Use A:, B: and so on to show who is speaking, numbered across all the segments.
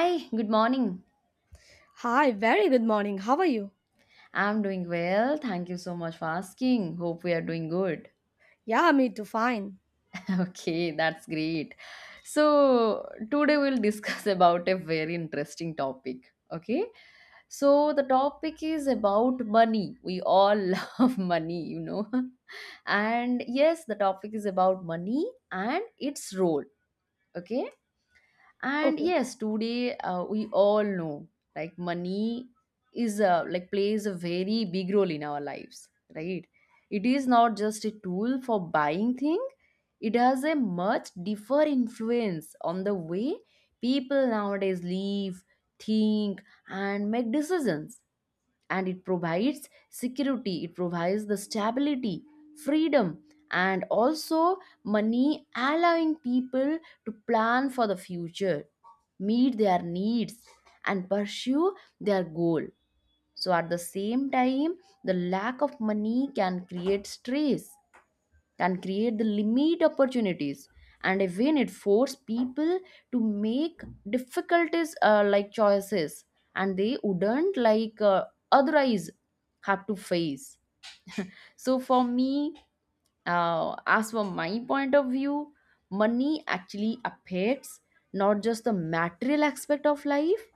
A: Hi, good morning.
B: Hi, very good morning. How are you?
A: I'm doing well. Thank you so much for asking. Hope we are doing good.
B: Yeah, me too, fine.
A: Okay, that's great. So, today we'll discuss about a very interesting topic. Okay, so the topic is about money. We all love money. And yes, the topic is about money and its role. Okay, and
B: Okay.
A: yes today we all know like money like plays a very big role in our lives, right? It is not just a tool for buying thing. It has a much deeper influence on the way people nowadays live, think, and make decisions. And it provides security, it provides the stability, freedom, and also money, allowing people to plan for the future, meet their needs, and pursue their goal. So, at the same time, the lack of money can create stress, can create the limit opportunities, and even it force people to make difficulties, like choices, and they wouldn't like otherwise have to face. So for me, as for my point of view, money actually affects not just the material aspect of life,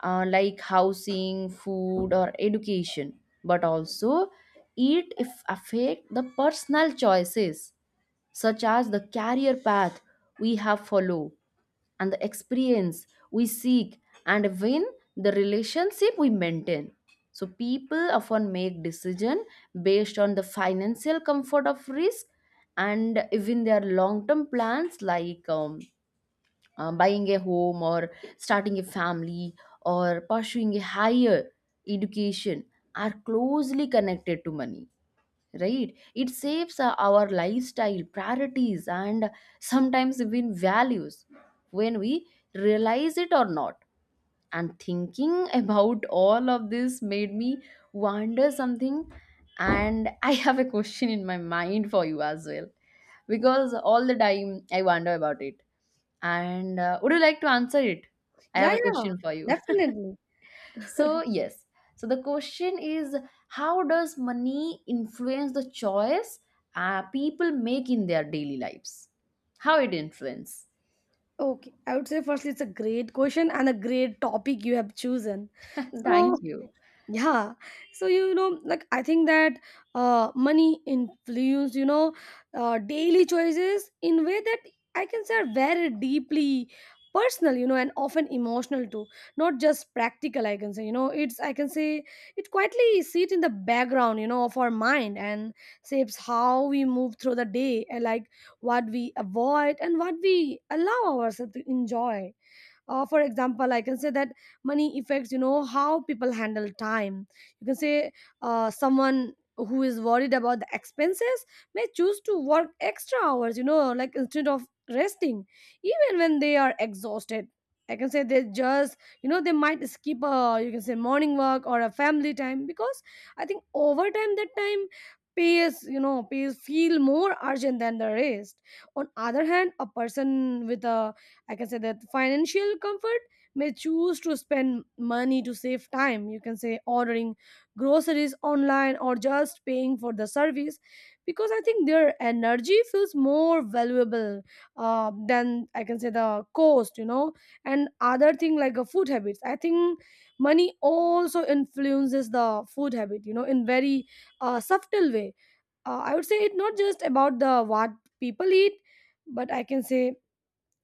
A: like housing, food, or education, but also it if affect the personal choices, such as the career path we have follow, and the experience we seek, and when the relationship we maintain. So people often make decision based on the financial comfort of risk, and even their long term plans, like buying a home or starting a family or pursuing a higher education, are closely connected to money, right? It saves our lifestyle priorities and sometimes even values, when we realize it or not. And thinking about all of this made me wonder something, and I have a question in my mind for you as well, because all the time I wonder about it, and would you like to answer it? I have
B: Yeah,
A: a
B: yeah,
A: question for you.
B: definitely.
A: So yes, so the question is, how does money influence the choice people make in their daily lives? How it influence?
B: Okay, I would say firstly it's a great question and a great topic you have chosen.
A: Thank
B: So
A: you.
B: yeah, so like I think that money influence daily choices in way that I can say are very deeply personal, and often emotional too. Not just practical, I can say. You know, it's I can say it quietly sit in the background, of our mind, and shapes how we move through the day, like what we avoid and what we allow ourselves to enjoy. For example, I can say that money affects how people handle time. You can say someone who is worried about the expenses may choose to work extra hours, like instead of resting, even when they are exhausted. I can say they just, they might skip a, you can say, morning work or a family time, because I think over time that time pays you know pays feel more urgent than the rest. On other hand, a person with a, like I can say, that financial comfort may choose to spend money to save time. You can say ordering groceries online or just paying for the service, because I think their energy feels more valuable than I can say the cost. And other thing like a food habits, I think money also influences the food habit, in very subtle way. I would say it's not just about the what people eat, but I can say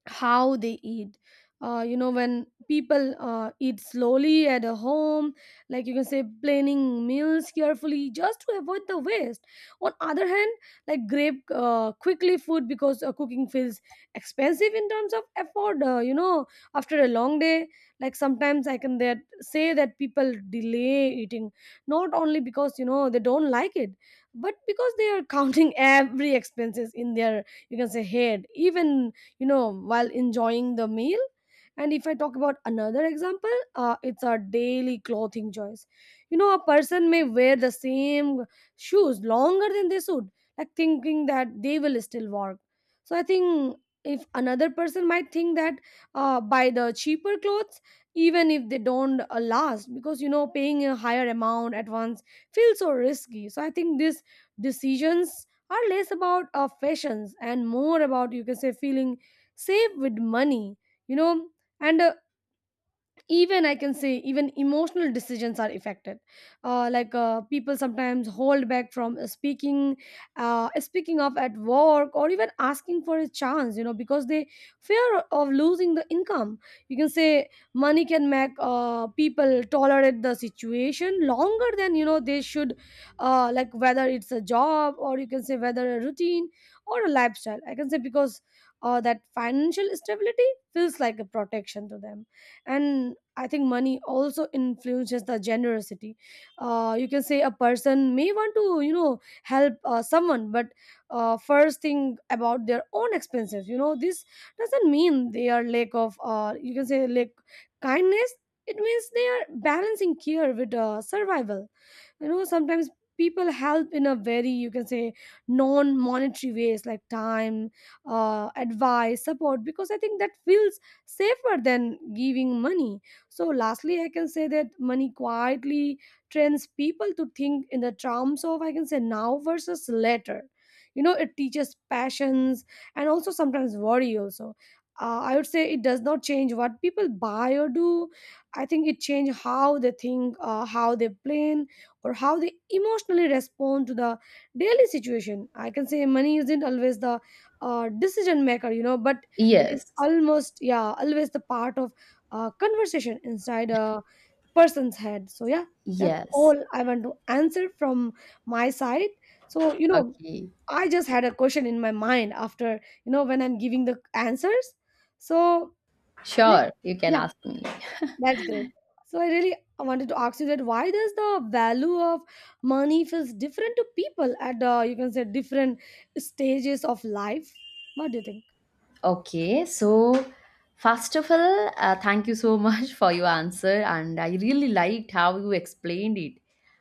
B: how they eat, when people eat slowly at a home, like you can say planning meals carefully just to avoid the waste. On other hand, like grab quickly food, because cooking feels expensive in terms of effort, after a long day. Like sometimes I can that say that people delay eating, not only because they don't like it, but because they are counting every expenses in their, you can say, head, even while enjoying the meal. And if I talk about another example, it's our daily clothing choice. A person may wear the same shoes longer than they should, like thinking that they will still work. So I think if another person might think that, buy the cheaper clothes, even if they don't last, because paying a higher amount at once feels so risky. So I think these decisions are less about fashions and more about, you can say, feeling save with money you know and, even I can say even emotional decisions are affected, like, people sometimes hold back from, speaking up at work or even asking for a chance, because they fear of losing the income. You can say money can make people tolerate the situation longer than they should, like whether it's a job or, you can say, whether a routine or a lifestyle, I can say, because that financial stability feels like a protection to them. And I think money also influences the generosity. You can say a person may want to, help someone, but first think about their own expenses. This doesn't mean they are lack of, you can say, lack kindness. It means they are balancing care with survival. Sometimes people help in a very, you can say, non-monetary ways, like time, advice, support, because I think that feels safer than giving money. So lastly, I can say that money quietly trains people to think in the terms of, I can say, now versus later. It teaches passions, and also sometimes worry also. I would say it does not change what people buy or do. I think it change how they think, how they plan, or how they emotionally respond to the daily situation. I can say money isn't always the decision maker, but it is
A: Yes,
B: almost, yeah, always the part of conversation inside a person's head. So, yeah, that's
A: yes.
B: all I want to answer from my side. So,
A: Okay.
B: I just had a question in my mind after, when I'm giving the answers. So, like,
A: Sure, you can
B: yeah.
A: ask me.
B: That's great. So I really wanted to ask you that why does the value of money feels different to people at, you can say, different stages of life? What do you think?
A: Okay, so first of all, thank you so much for your answer, and I really liked how you explained it,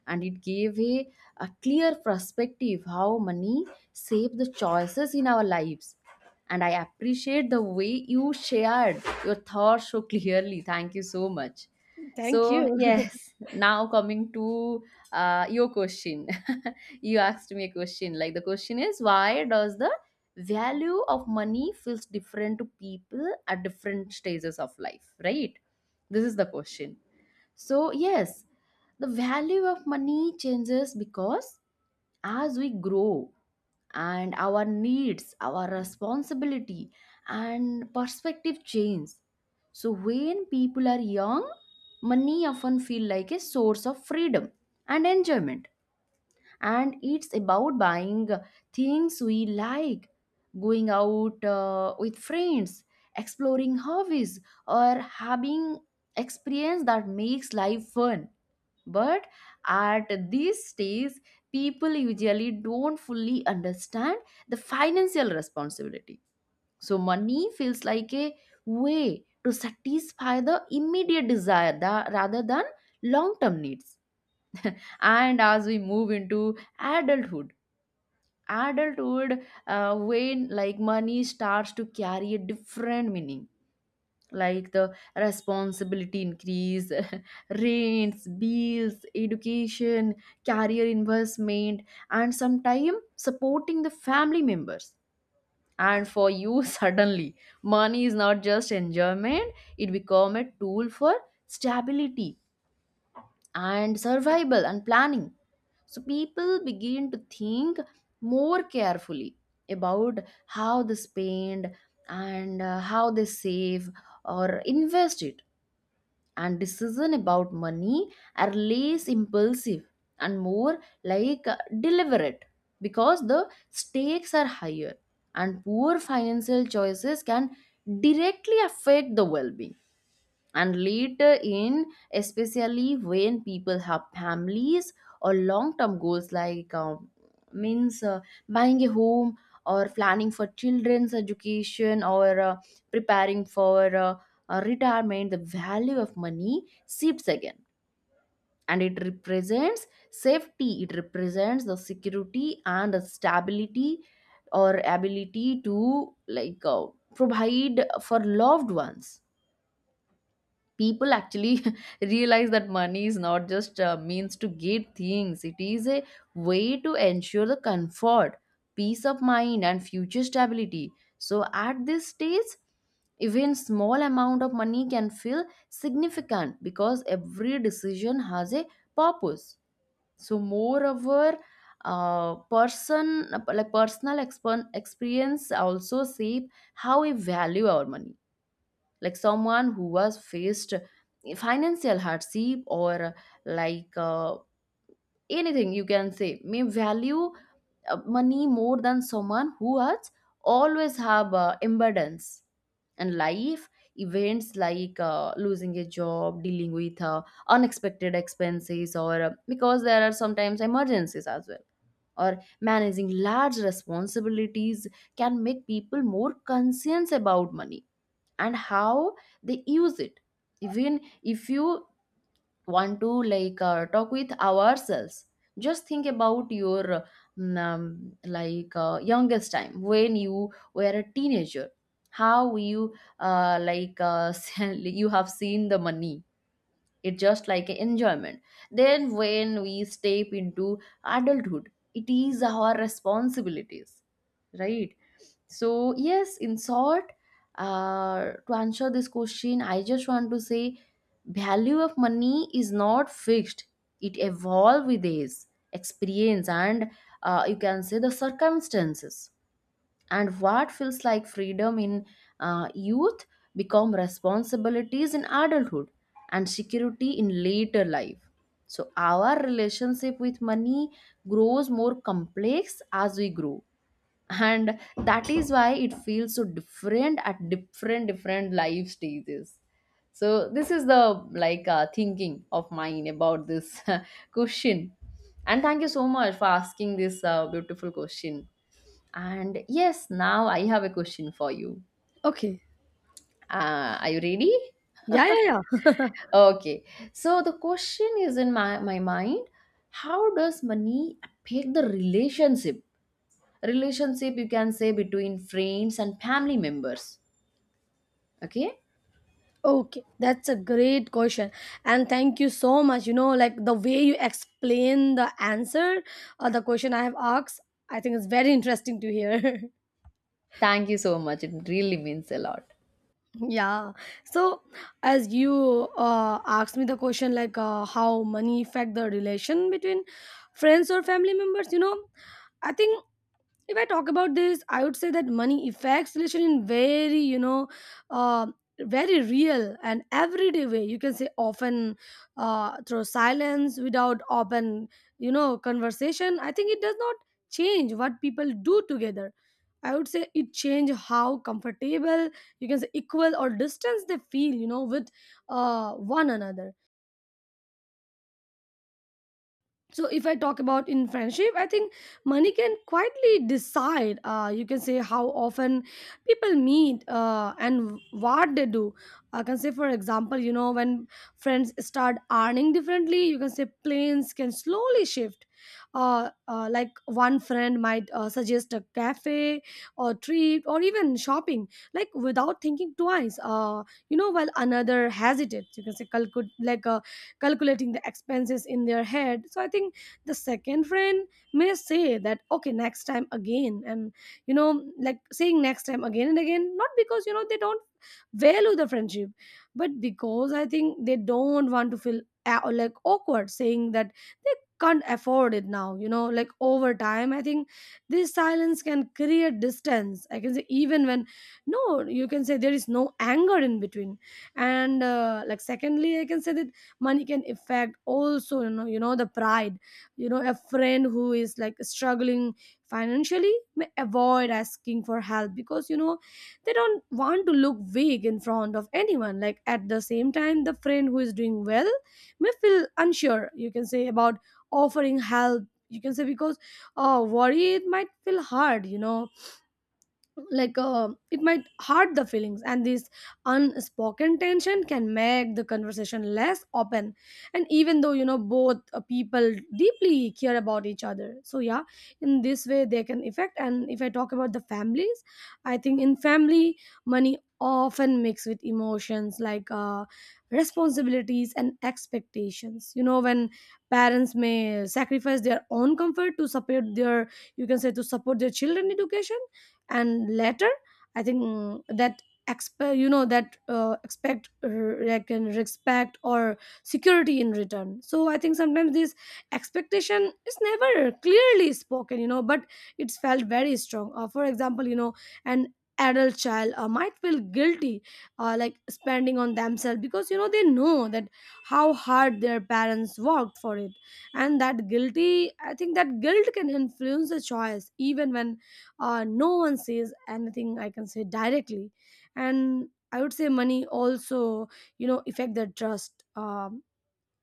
A: and it gave a clear perspective how money shape the choices in our lives. And I appreciate the way you shared your thoughts so clearly. Thank you so much.
B: Thank
A: So
B: you.
A: yes, now coming to your question. You asked me a question. Like the question is, why does the value of money feels different to people at different stages of life, right? This is the question. So yes, the value of money changes because as we grow, and our needs, our responsibility, and perspective change. So when people are young, money often feel like a source of freedom and enjoyment, and it's about buying things we like, going out with friends, exploring hobbies, or having experience that makes life fun. But at this stage, people usually don't fully understand the financial responsibility. So money feels like a way to satisfy the immediate desire rather than long-term needs. And as we move into adulthood, when like money starts to carry a different meaning, like the responsibility increase, rents, bills, education, career investment, and sometime supporting the family members. And for you, suddenly money is not just enjoyment, it become a tool for stability and survival and planning. So people begin to think more carefully about how they spend, and how they save or invest it. And decision about money are less impulsive and more like deliberate, because the stakes are higher and poor financial choices can directly affect the well-being. And later in, especially when people have families or long term goals, like means, buying a home or planning for children's education, or preparing for retirement, the value of money shifts again, and it represents safety, it represents the security and the stability, or ability to like provide for loved ones. People actually realize that money is not just means to get things, it is a way to ensure the comfort, peace of mind, and future stability. So at this stage, even small amount of money can feel significant because every decision has a purpose. So moreover, person like personal experience also shape how we value our money. Like someone who was faced financial hardship, or like anything you can say, may value money more than someone who has always have abundance. And life events like losing a job, dealing with unexpected expenses, or because there are sometimes emergencies as well, or managing large responsibilities, can make people more conscious about money and how they use it. Even if you want to like talk with ourselves, just think about your like youngest time when you were a teenager. How you like you have seen the money, it's just like an enjoyment. Then when we step into adulthood, it is our responsibilities, right? So, yes, in short, to answer this question, I just want to say value of money is not fixed. It evolves with age, experience, and you can say the circumstances. And what feels like freedom in youth become responsibilities in adulthood, and security in later life. So our relationship with money grows more complex as we grow, and that is why it feels so different at different life stages. So this is the like thinking of mine about this question, and thank you so much for asking this beautiful question. And yes, now I have a question for you.
B: Okay.
A: Are you ready?
B: Yeah, yeah, yeah.
A: Okay, so the question is in my mind, how does money affect the relationship, you can say, between friends and family members? Okay.
B: Okay, that's a great question. And thank you so much. Like the way you explain the answer or the question I have asked, I think it's very interesting to hear.
A: Thank you so much. It really means a lot.
B: Yeah. So, as you asked me the question, like how money affect the relation between friends or family members, I think if I talk about this, I would say that money affects relation in very you know uh, very real and everyday way, you can say often through silence without open conversation. I think it does not change what people do together. I would say it change how comfortable, you can say, equal or distance they feel, with uh, one another. So if I talk about in friendship, I think money can quietly decide, you can say, how often people meet, and what they do. I can say, for example, when friends start earning differently, you can say planes can slowly shift. Like one friend might suggest a cafe or treat or even shopping, like without thinking twice, while another hesitates, you can say, calculate, like, calculating the expenses in their head. So I think the second friend may say that okay next time again, and like saying next time again and again, not because they don't value the friendship, but because I think they don't want to feel, like awkward saying that they can't afford it now. Like over time, I think this silence can create distance, I can say, even when no, you can say, there is no anger in between. And like secondly, I can say that money can affect also, the pride. A friend who is like struggling financially may avoid asking for help, because they don't want to look weak in front of anyone. Like at the same time, the friend who is doing well may feel unsure, you can say, about offering help, you can say, because, oh, worry it might feel hard. Like it might hurt the feelings. And this unspoken tension can make the conversation less open, and even though both people deeply care about each other. So yeah, in this way they can affect. And if I talk about the families, I think in family, money often mixed with emotions like responsibilities and expectations. When parents may sacrifice their own comfort to support their, you can say, to support their children education, and later I think that expect, that expect like, and respect or security in return. So I think sometimes this expectation is never clearly spoken, but it's felt very strong. For example, an adult child might feel guilty, like spending on themselves, because they know that how hard their parents worked for it. And that guilty, I think that guilt can influence the choice, even when no one says anything, I can say, directly. And I would say money also affect their trust.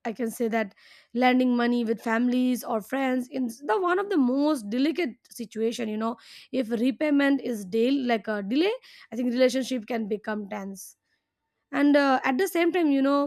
B: I can say that lending money with families or friends is the one of the most delicate situation. If repayment is deal like a delay, I think relationship can become tense. And at the same time,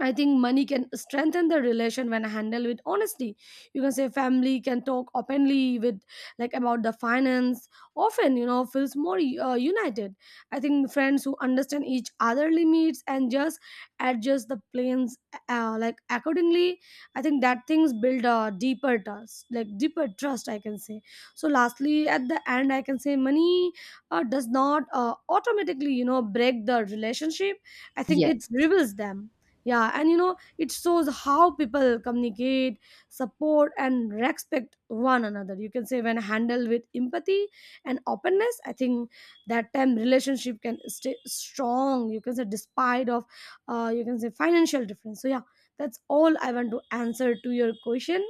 B: I think money can strengthen the relation when handled with honesty. You can say family can talk openly with, like, about the finance. Often, feels more united. I think friends who understand each other limits and just adjust the plans, like accordingly. I think that things build a deeper trust, like deeper trust, I can say. So, lastly, at the end, I can say money does not automatically, break the relationship. I think it
A: Yes.
B: reveals them. Yeah, and it shows how people communicate, support, and respect one another. You can say when handled with empathy and openness, I think that time relationship can stay strong. You can say despite of, you can say, financial difference. So yeah, that's all I want to answer to your question.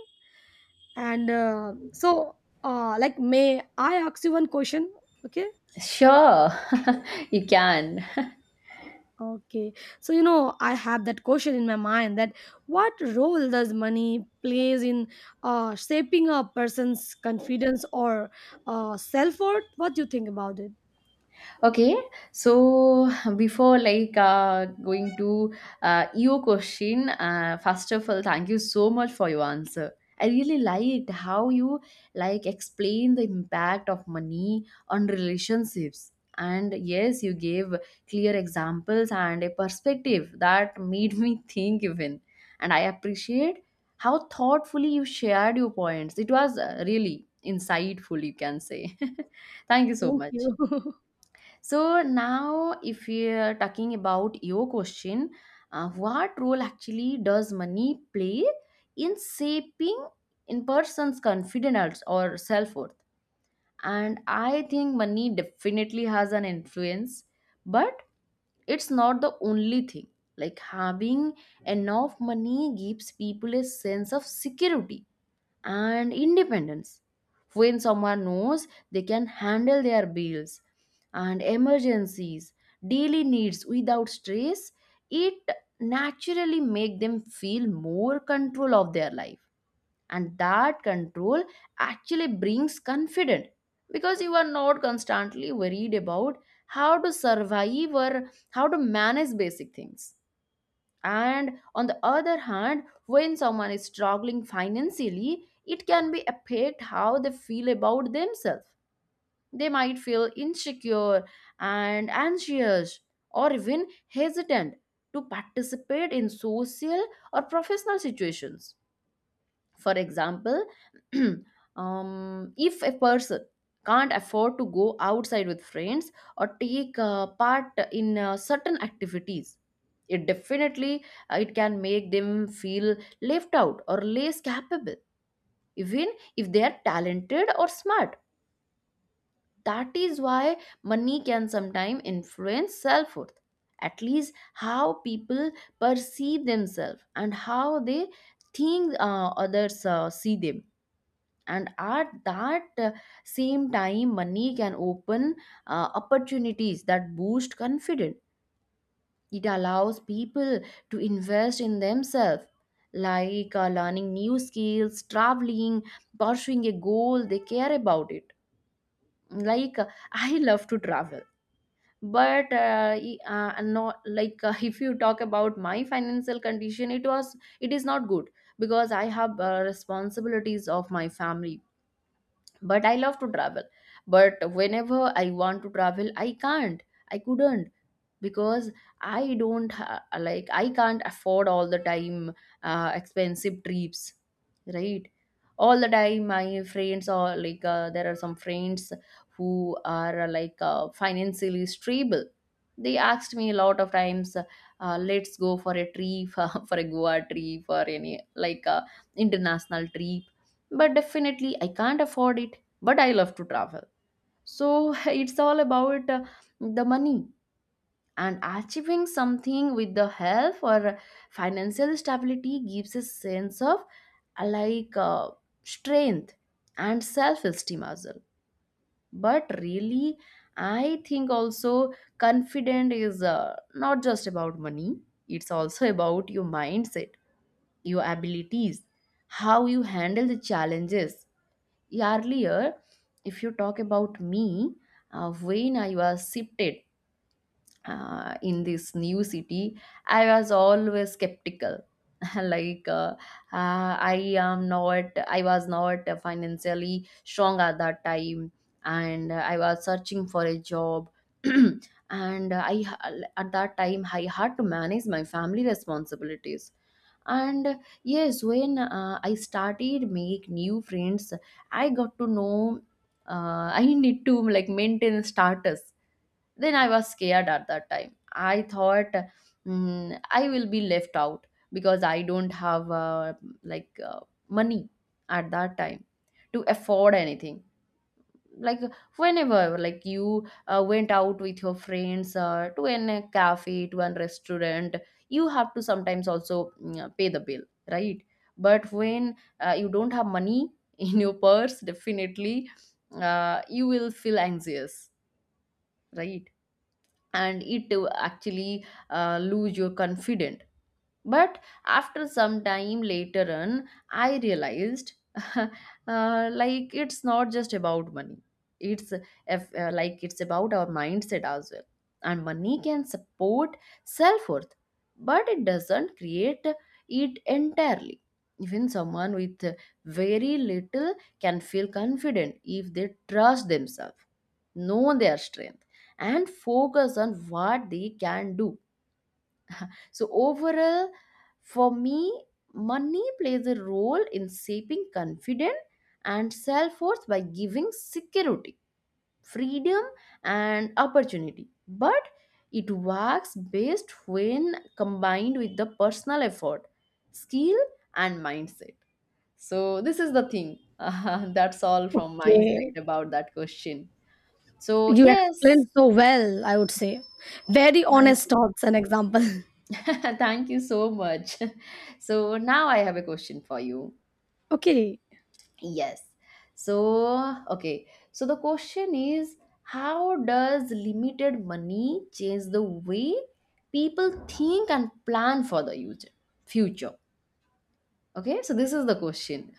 B: And uh, so, may I ask you one question? Okay.
A: Sure, you can.
B: Okay. So I have that question in my mind, that what role does money plays in shaping a person's confidence or self-worth? What do you think about it?
A: Okay, so before like going to your question, first of all, thank you so much for your answer. I really liked how you like explain the impact of money on relationships. And yes, you gave clear examples and a perspective that made me think even. And I appreciate how thoughtfully you shared your points. It was really insightful, you can say. Thank you so
B: Thank
A: much.
B: you.
A: So now, if we are talking about your question, what role actually does money play in shaping in person's confidence or self worth? And I think money definitely has an influence, but it's not the only thing. Like having enough money gives people a sense of security and independence. When someone knows they can handle their bills and emergencies, daily needs without stress, it naturally make them feel more control of their life. And that control actually brings confidence, because you are not constantly worried about how to survive or how to manage basic things. And on the other hand, when someone is struggling financially, it can be affect how they feel about themselves. They might feel insecure and anxious, or even hesitant to participate in social or professional situations. For example, if a person can't afford to go outside with friends, or take part in certain activities, it definitely, it can make them feel left out or less capable, even if they are talented or smart. That is why money can sometimes influence self worth. At least how people perceive themselves and how they think others see them. And at that same time, money can open opportunities that boost confidence. It allows people to invest in themselves, like learning new skills, traveling, pursuing a goal they care about it, like I love to travel, but no, like if you talk about my financial condition, it is not good, because I have responsibilities of my family. But I love to travel, but whenever I want to travel, I can't. I couldn't, because I don't ha- like I can't afford all the time expensive trips, right? All the time my friends are like there are some friends who are like financially stable. They asked me a lot of times, let's go for a trip, for a Goa trip or any like international trip, but definitely I can't afford it. But I love to travel, so it's all about the money. And achieving something with the help or financial stability gives a sense of uh, like uh, strength and self-esteem as well. But really, I think also confident is not just about money, it's also about your mindset, your abilities, how you handle the challenges. Earlier, if you talk about me, when I was shifted in this new city, I was always skeptical. Like I was not financially strong at that time, and I was searching for a job. And I, at that time, I had to manage my family responsibilities. And yes, when I started make new friends, I got to know uh, I need to like maintain status. Then I was scared, at that time I thought, I will be left out, because I don't have like uh, money at that time to afford anything. Like, whenever like you went out with your friends to an a cafe, to a restaurant, you have to sometimes also pay the bill, right? But when you don't have money in your purse, definitely you will feel anxious, right? And it will actually lose your confidence. But after some time later on, I realized like it's not just about money, it's if, like it's about our mindset as well. And money can support self-worth, but it doesn't create it entirely. Even someone with very little can feel confident if they trust themselves, know their strength, and focus on what they can do. So overall, for me, money plays a role in shaping confidence and self worth by giving security, freedom, and opportunity, but it works best when combined with the personal effort, skill, and mindset. So this is the thing, that's all from my
B: Okay.
A: side about that question. So
B: You
A: yes,
B: explained so well, I would say. Very
A: thank
B: honest
A: you,
B: thoughts and example.
A: thank you so much. So now I have a question for you.
B: Okay.
A: Yes. So, okay. So the question is, how does limited money change the way people think and plan for the future? Future. Okay? So this is the question.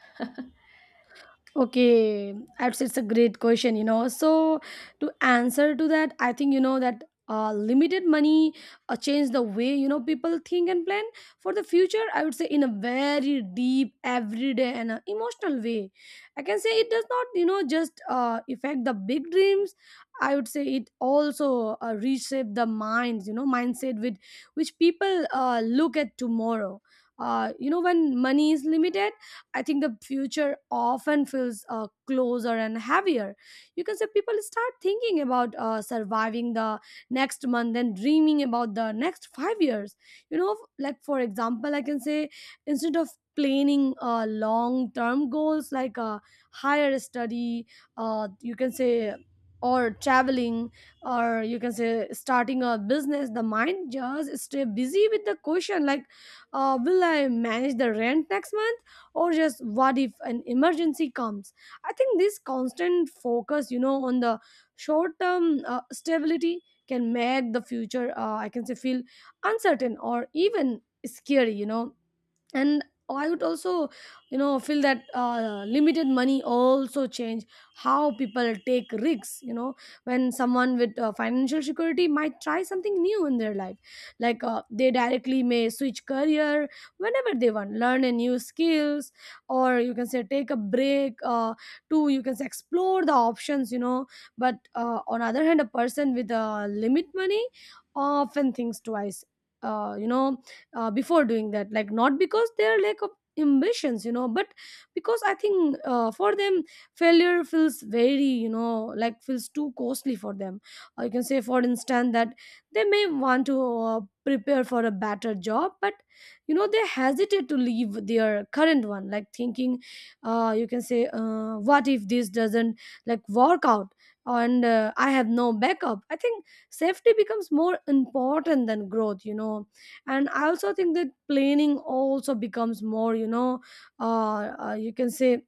B: Okay, that's it's a great question, you know. So to answer to that, I think you know that limited money change the way, you know, people think and plan for the future. I would say in a very deep, everyday, and emotional way. I can say it does not, you know, just affect the big dreams. I would say it also reshape the minds, you know, mindset with which people look at tomorrow. When money is limited, I think the future often feels closer and heavier. You can say people start thinking about surviving the next month and dreaming about the next 5 years. You know, like for example, I can say instead of planning long term goals like higher study, you can say, or traveling, or you can say starting a business. The mind just stay busy with the question, like, will I manage the rent next month, or just what if an emergency comes? I think this constant focus, you know, on the short term stability can make the future I can say feel uncertain or even scary, you know. And I would also, you know, feel that limited money also change how people take risks, you know. When someone with financial security might try something new in their life, like they directly may switch career whenever they want, learn a new skills, or you can say take a break to, you can say, explore the options, you know. But on other hand, a person with a limit money often thinks twice, uh, you know before doing that, like not because their lack of ambitions, you know, but because I think for them failure feels very, you know, like feels too costly for them. You can say, for instance, that they may want to prepare for a better job, but, you know, they hesitate to leave their current one, like thinking, you can say, what if this doesn't like work out, and I have no backup. I think safety becomes more important than growth, you know. And I also think that planning also becomes more, you know, you can say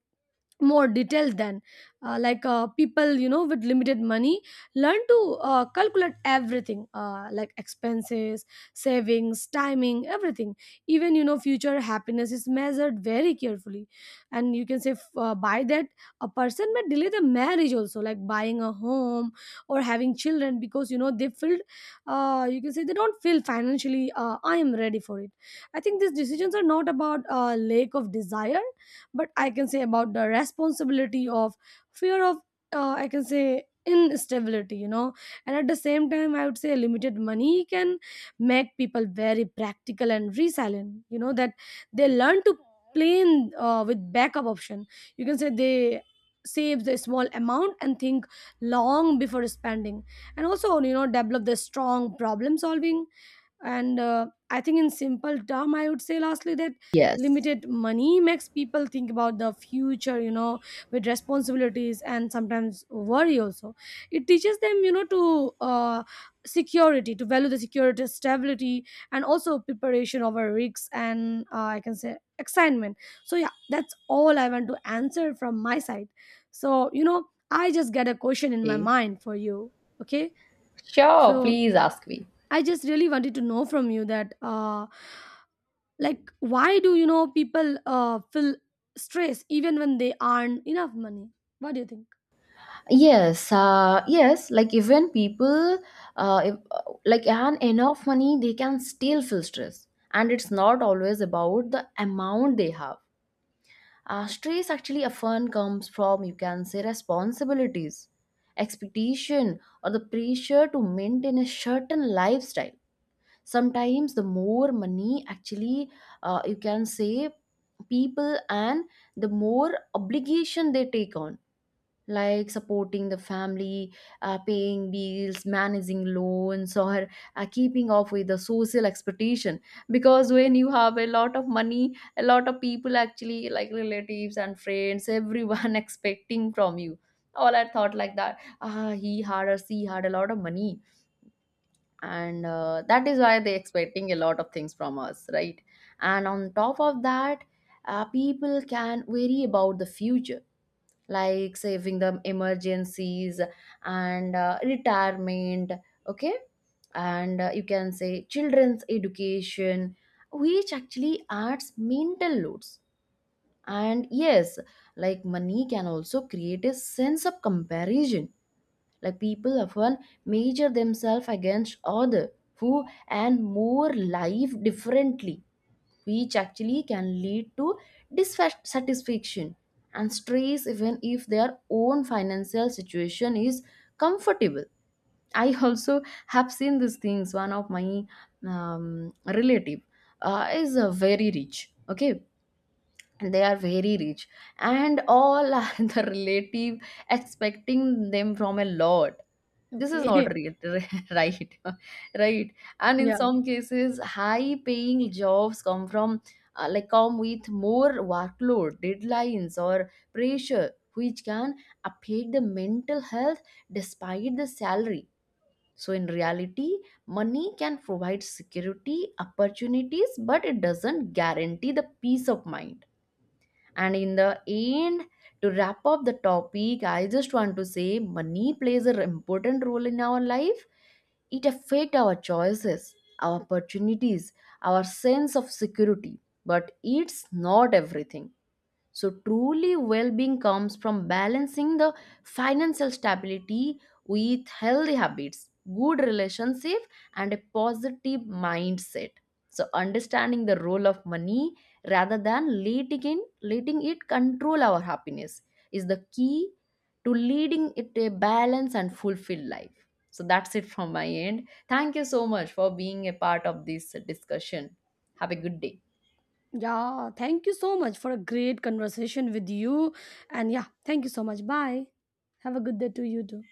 B: more detailed than people, you know, with limited money learn to calculate everything, like expenses, savings, timing, everything. Even, you know, future happiness is measured very carefully. And you can say, by that, a person may delay the marriage also, like buying a home or having children, because, you know, they feel, you can say, they don't feel financially I am ready for it. I think these decisions are not about lack of desire, but I can say about the responsibility of, fear of, I can say, instability, you know. And at the same time, I would say limited money can make people very practical and resilient, you know, that they learn to plan with backup option. You can say they save the small amount and think long before spending, and also, you know, develop the strong problem solving. And I think in simple term, I would say lastly that
A: Yes.
B: limited money makes people think about the future, you know, with responsibilities, and sometimes worry also. It teaches them, you know, to security, to value the security, stability, and also preparation over risks, and I can say excitement. So yeah, that's all I want to answer from my side. So, you know, I just get a question in my
A: Okay.
B: mind for you. Okay.
A: Sure,
B: So
A: please ask me.
B: I just really wanted to know from you that, like, why do you know people feel stress even when they earn enough money? What do you think?
A: Yes, yes, like even people, if, like earn enough money, they can still feel stress, and it's not always about the amount they have. Stress actually often comes from, you can say, responsibilities, expectation, or the pressure to maintain a certain lifestyle. Sometimes the more money actually, you can say people, and the more obligation they take on, like supporting the family, paying bills, managing loans, or keeping up with the social expectation. Because when you have a lot of money, a lot of people actually, like relatives and friends, everyone expecting from you. All I thought like that. Ah, he had or she had a lot of money, and that is why they expecting a lot of things from us, right? And on top of that, people can worry about the future, like saving the emergencies, and retirement, okay, and you can say children's education, which actually adds mental loads. And yes, like money can also create a sense of comparison. Like people often measure themselves against other who and more live differently, which actually can lead to dissatisfaction and stress, even if their own financial situation is comfortable. I also have seen these things. One of my relative is very rich, okay, and they are very rich, and all are the relative expecting them from a lot. This is not
B: Okay.
A: real. Right. Right. And in
B: Yeah.
A: some cases, high paying jobs come from like come with more workload, deadlines, or pressure, which can affect the mental health despite the salary. So in reality, money can provide security opportunities, but it doesn't guarantee the peace of mind. And in the end, to wrap up the topic, I just want to say money plays an important role in our life. It affects our choices, our opportunities, our sense of security, but it's not everything. So, truly well being comes from balancing the financial stability with healthy habits, good relationship, and a positive mindset. So, understanding the role of money rather than letting it control our happiness is the key to leading it a balanced and fulfilled life. So, that's it from my end. Thank you so much for being a part of this discussion. Have a good day.
B: Yeah. Thank you so much for a great conversation with you. And yeah, thank you so much. Bye. Have a good day to you too.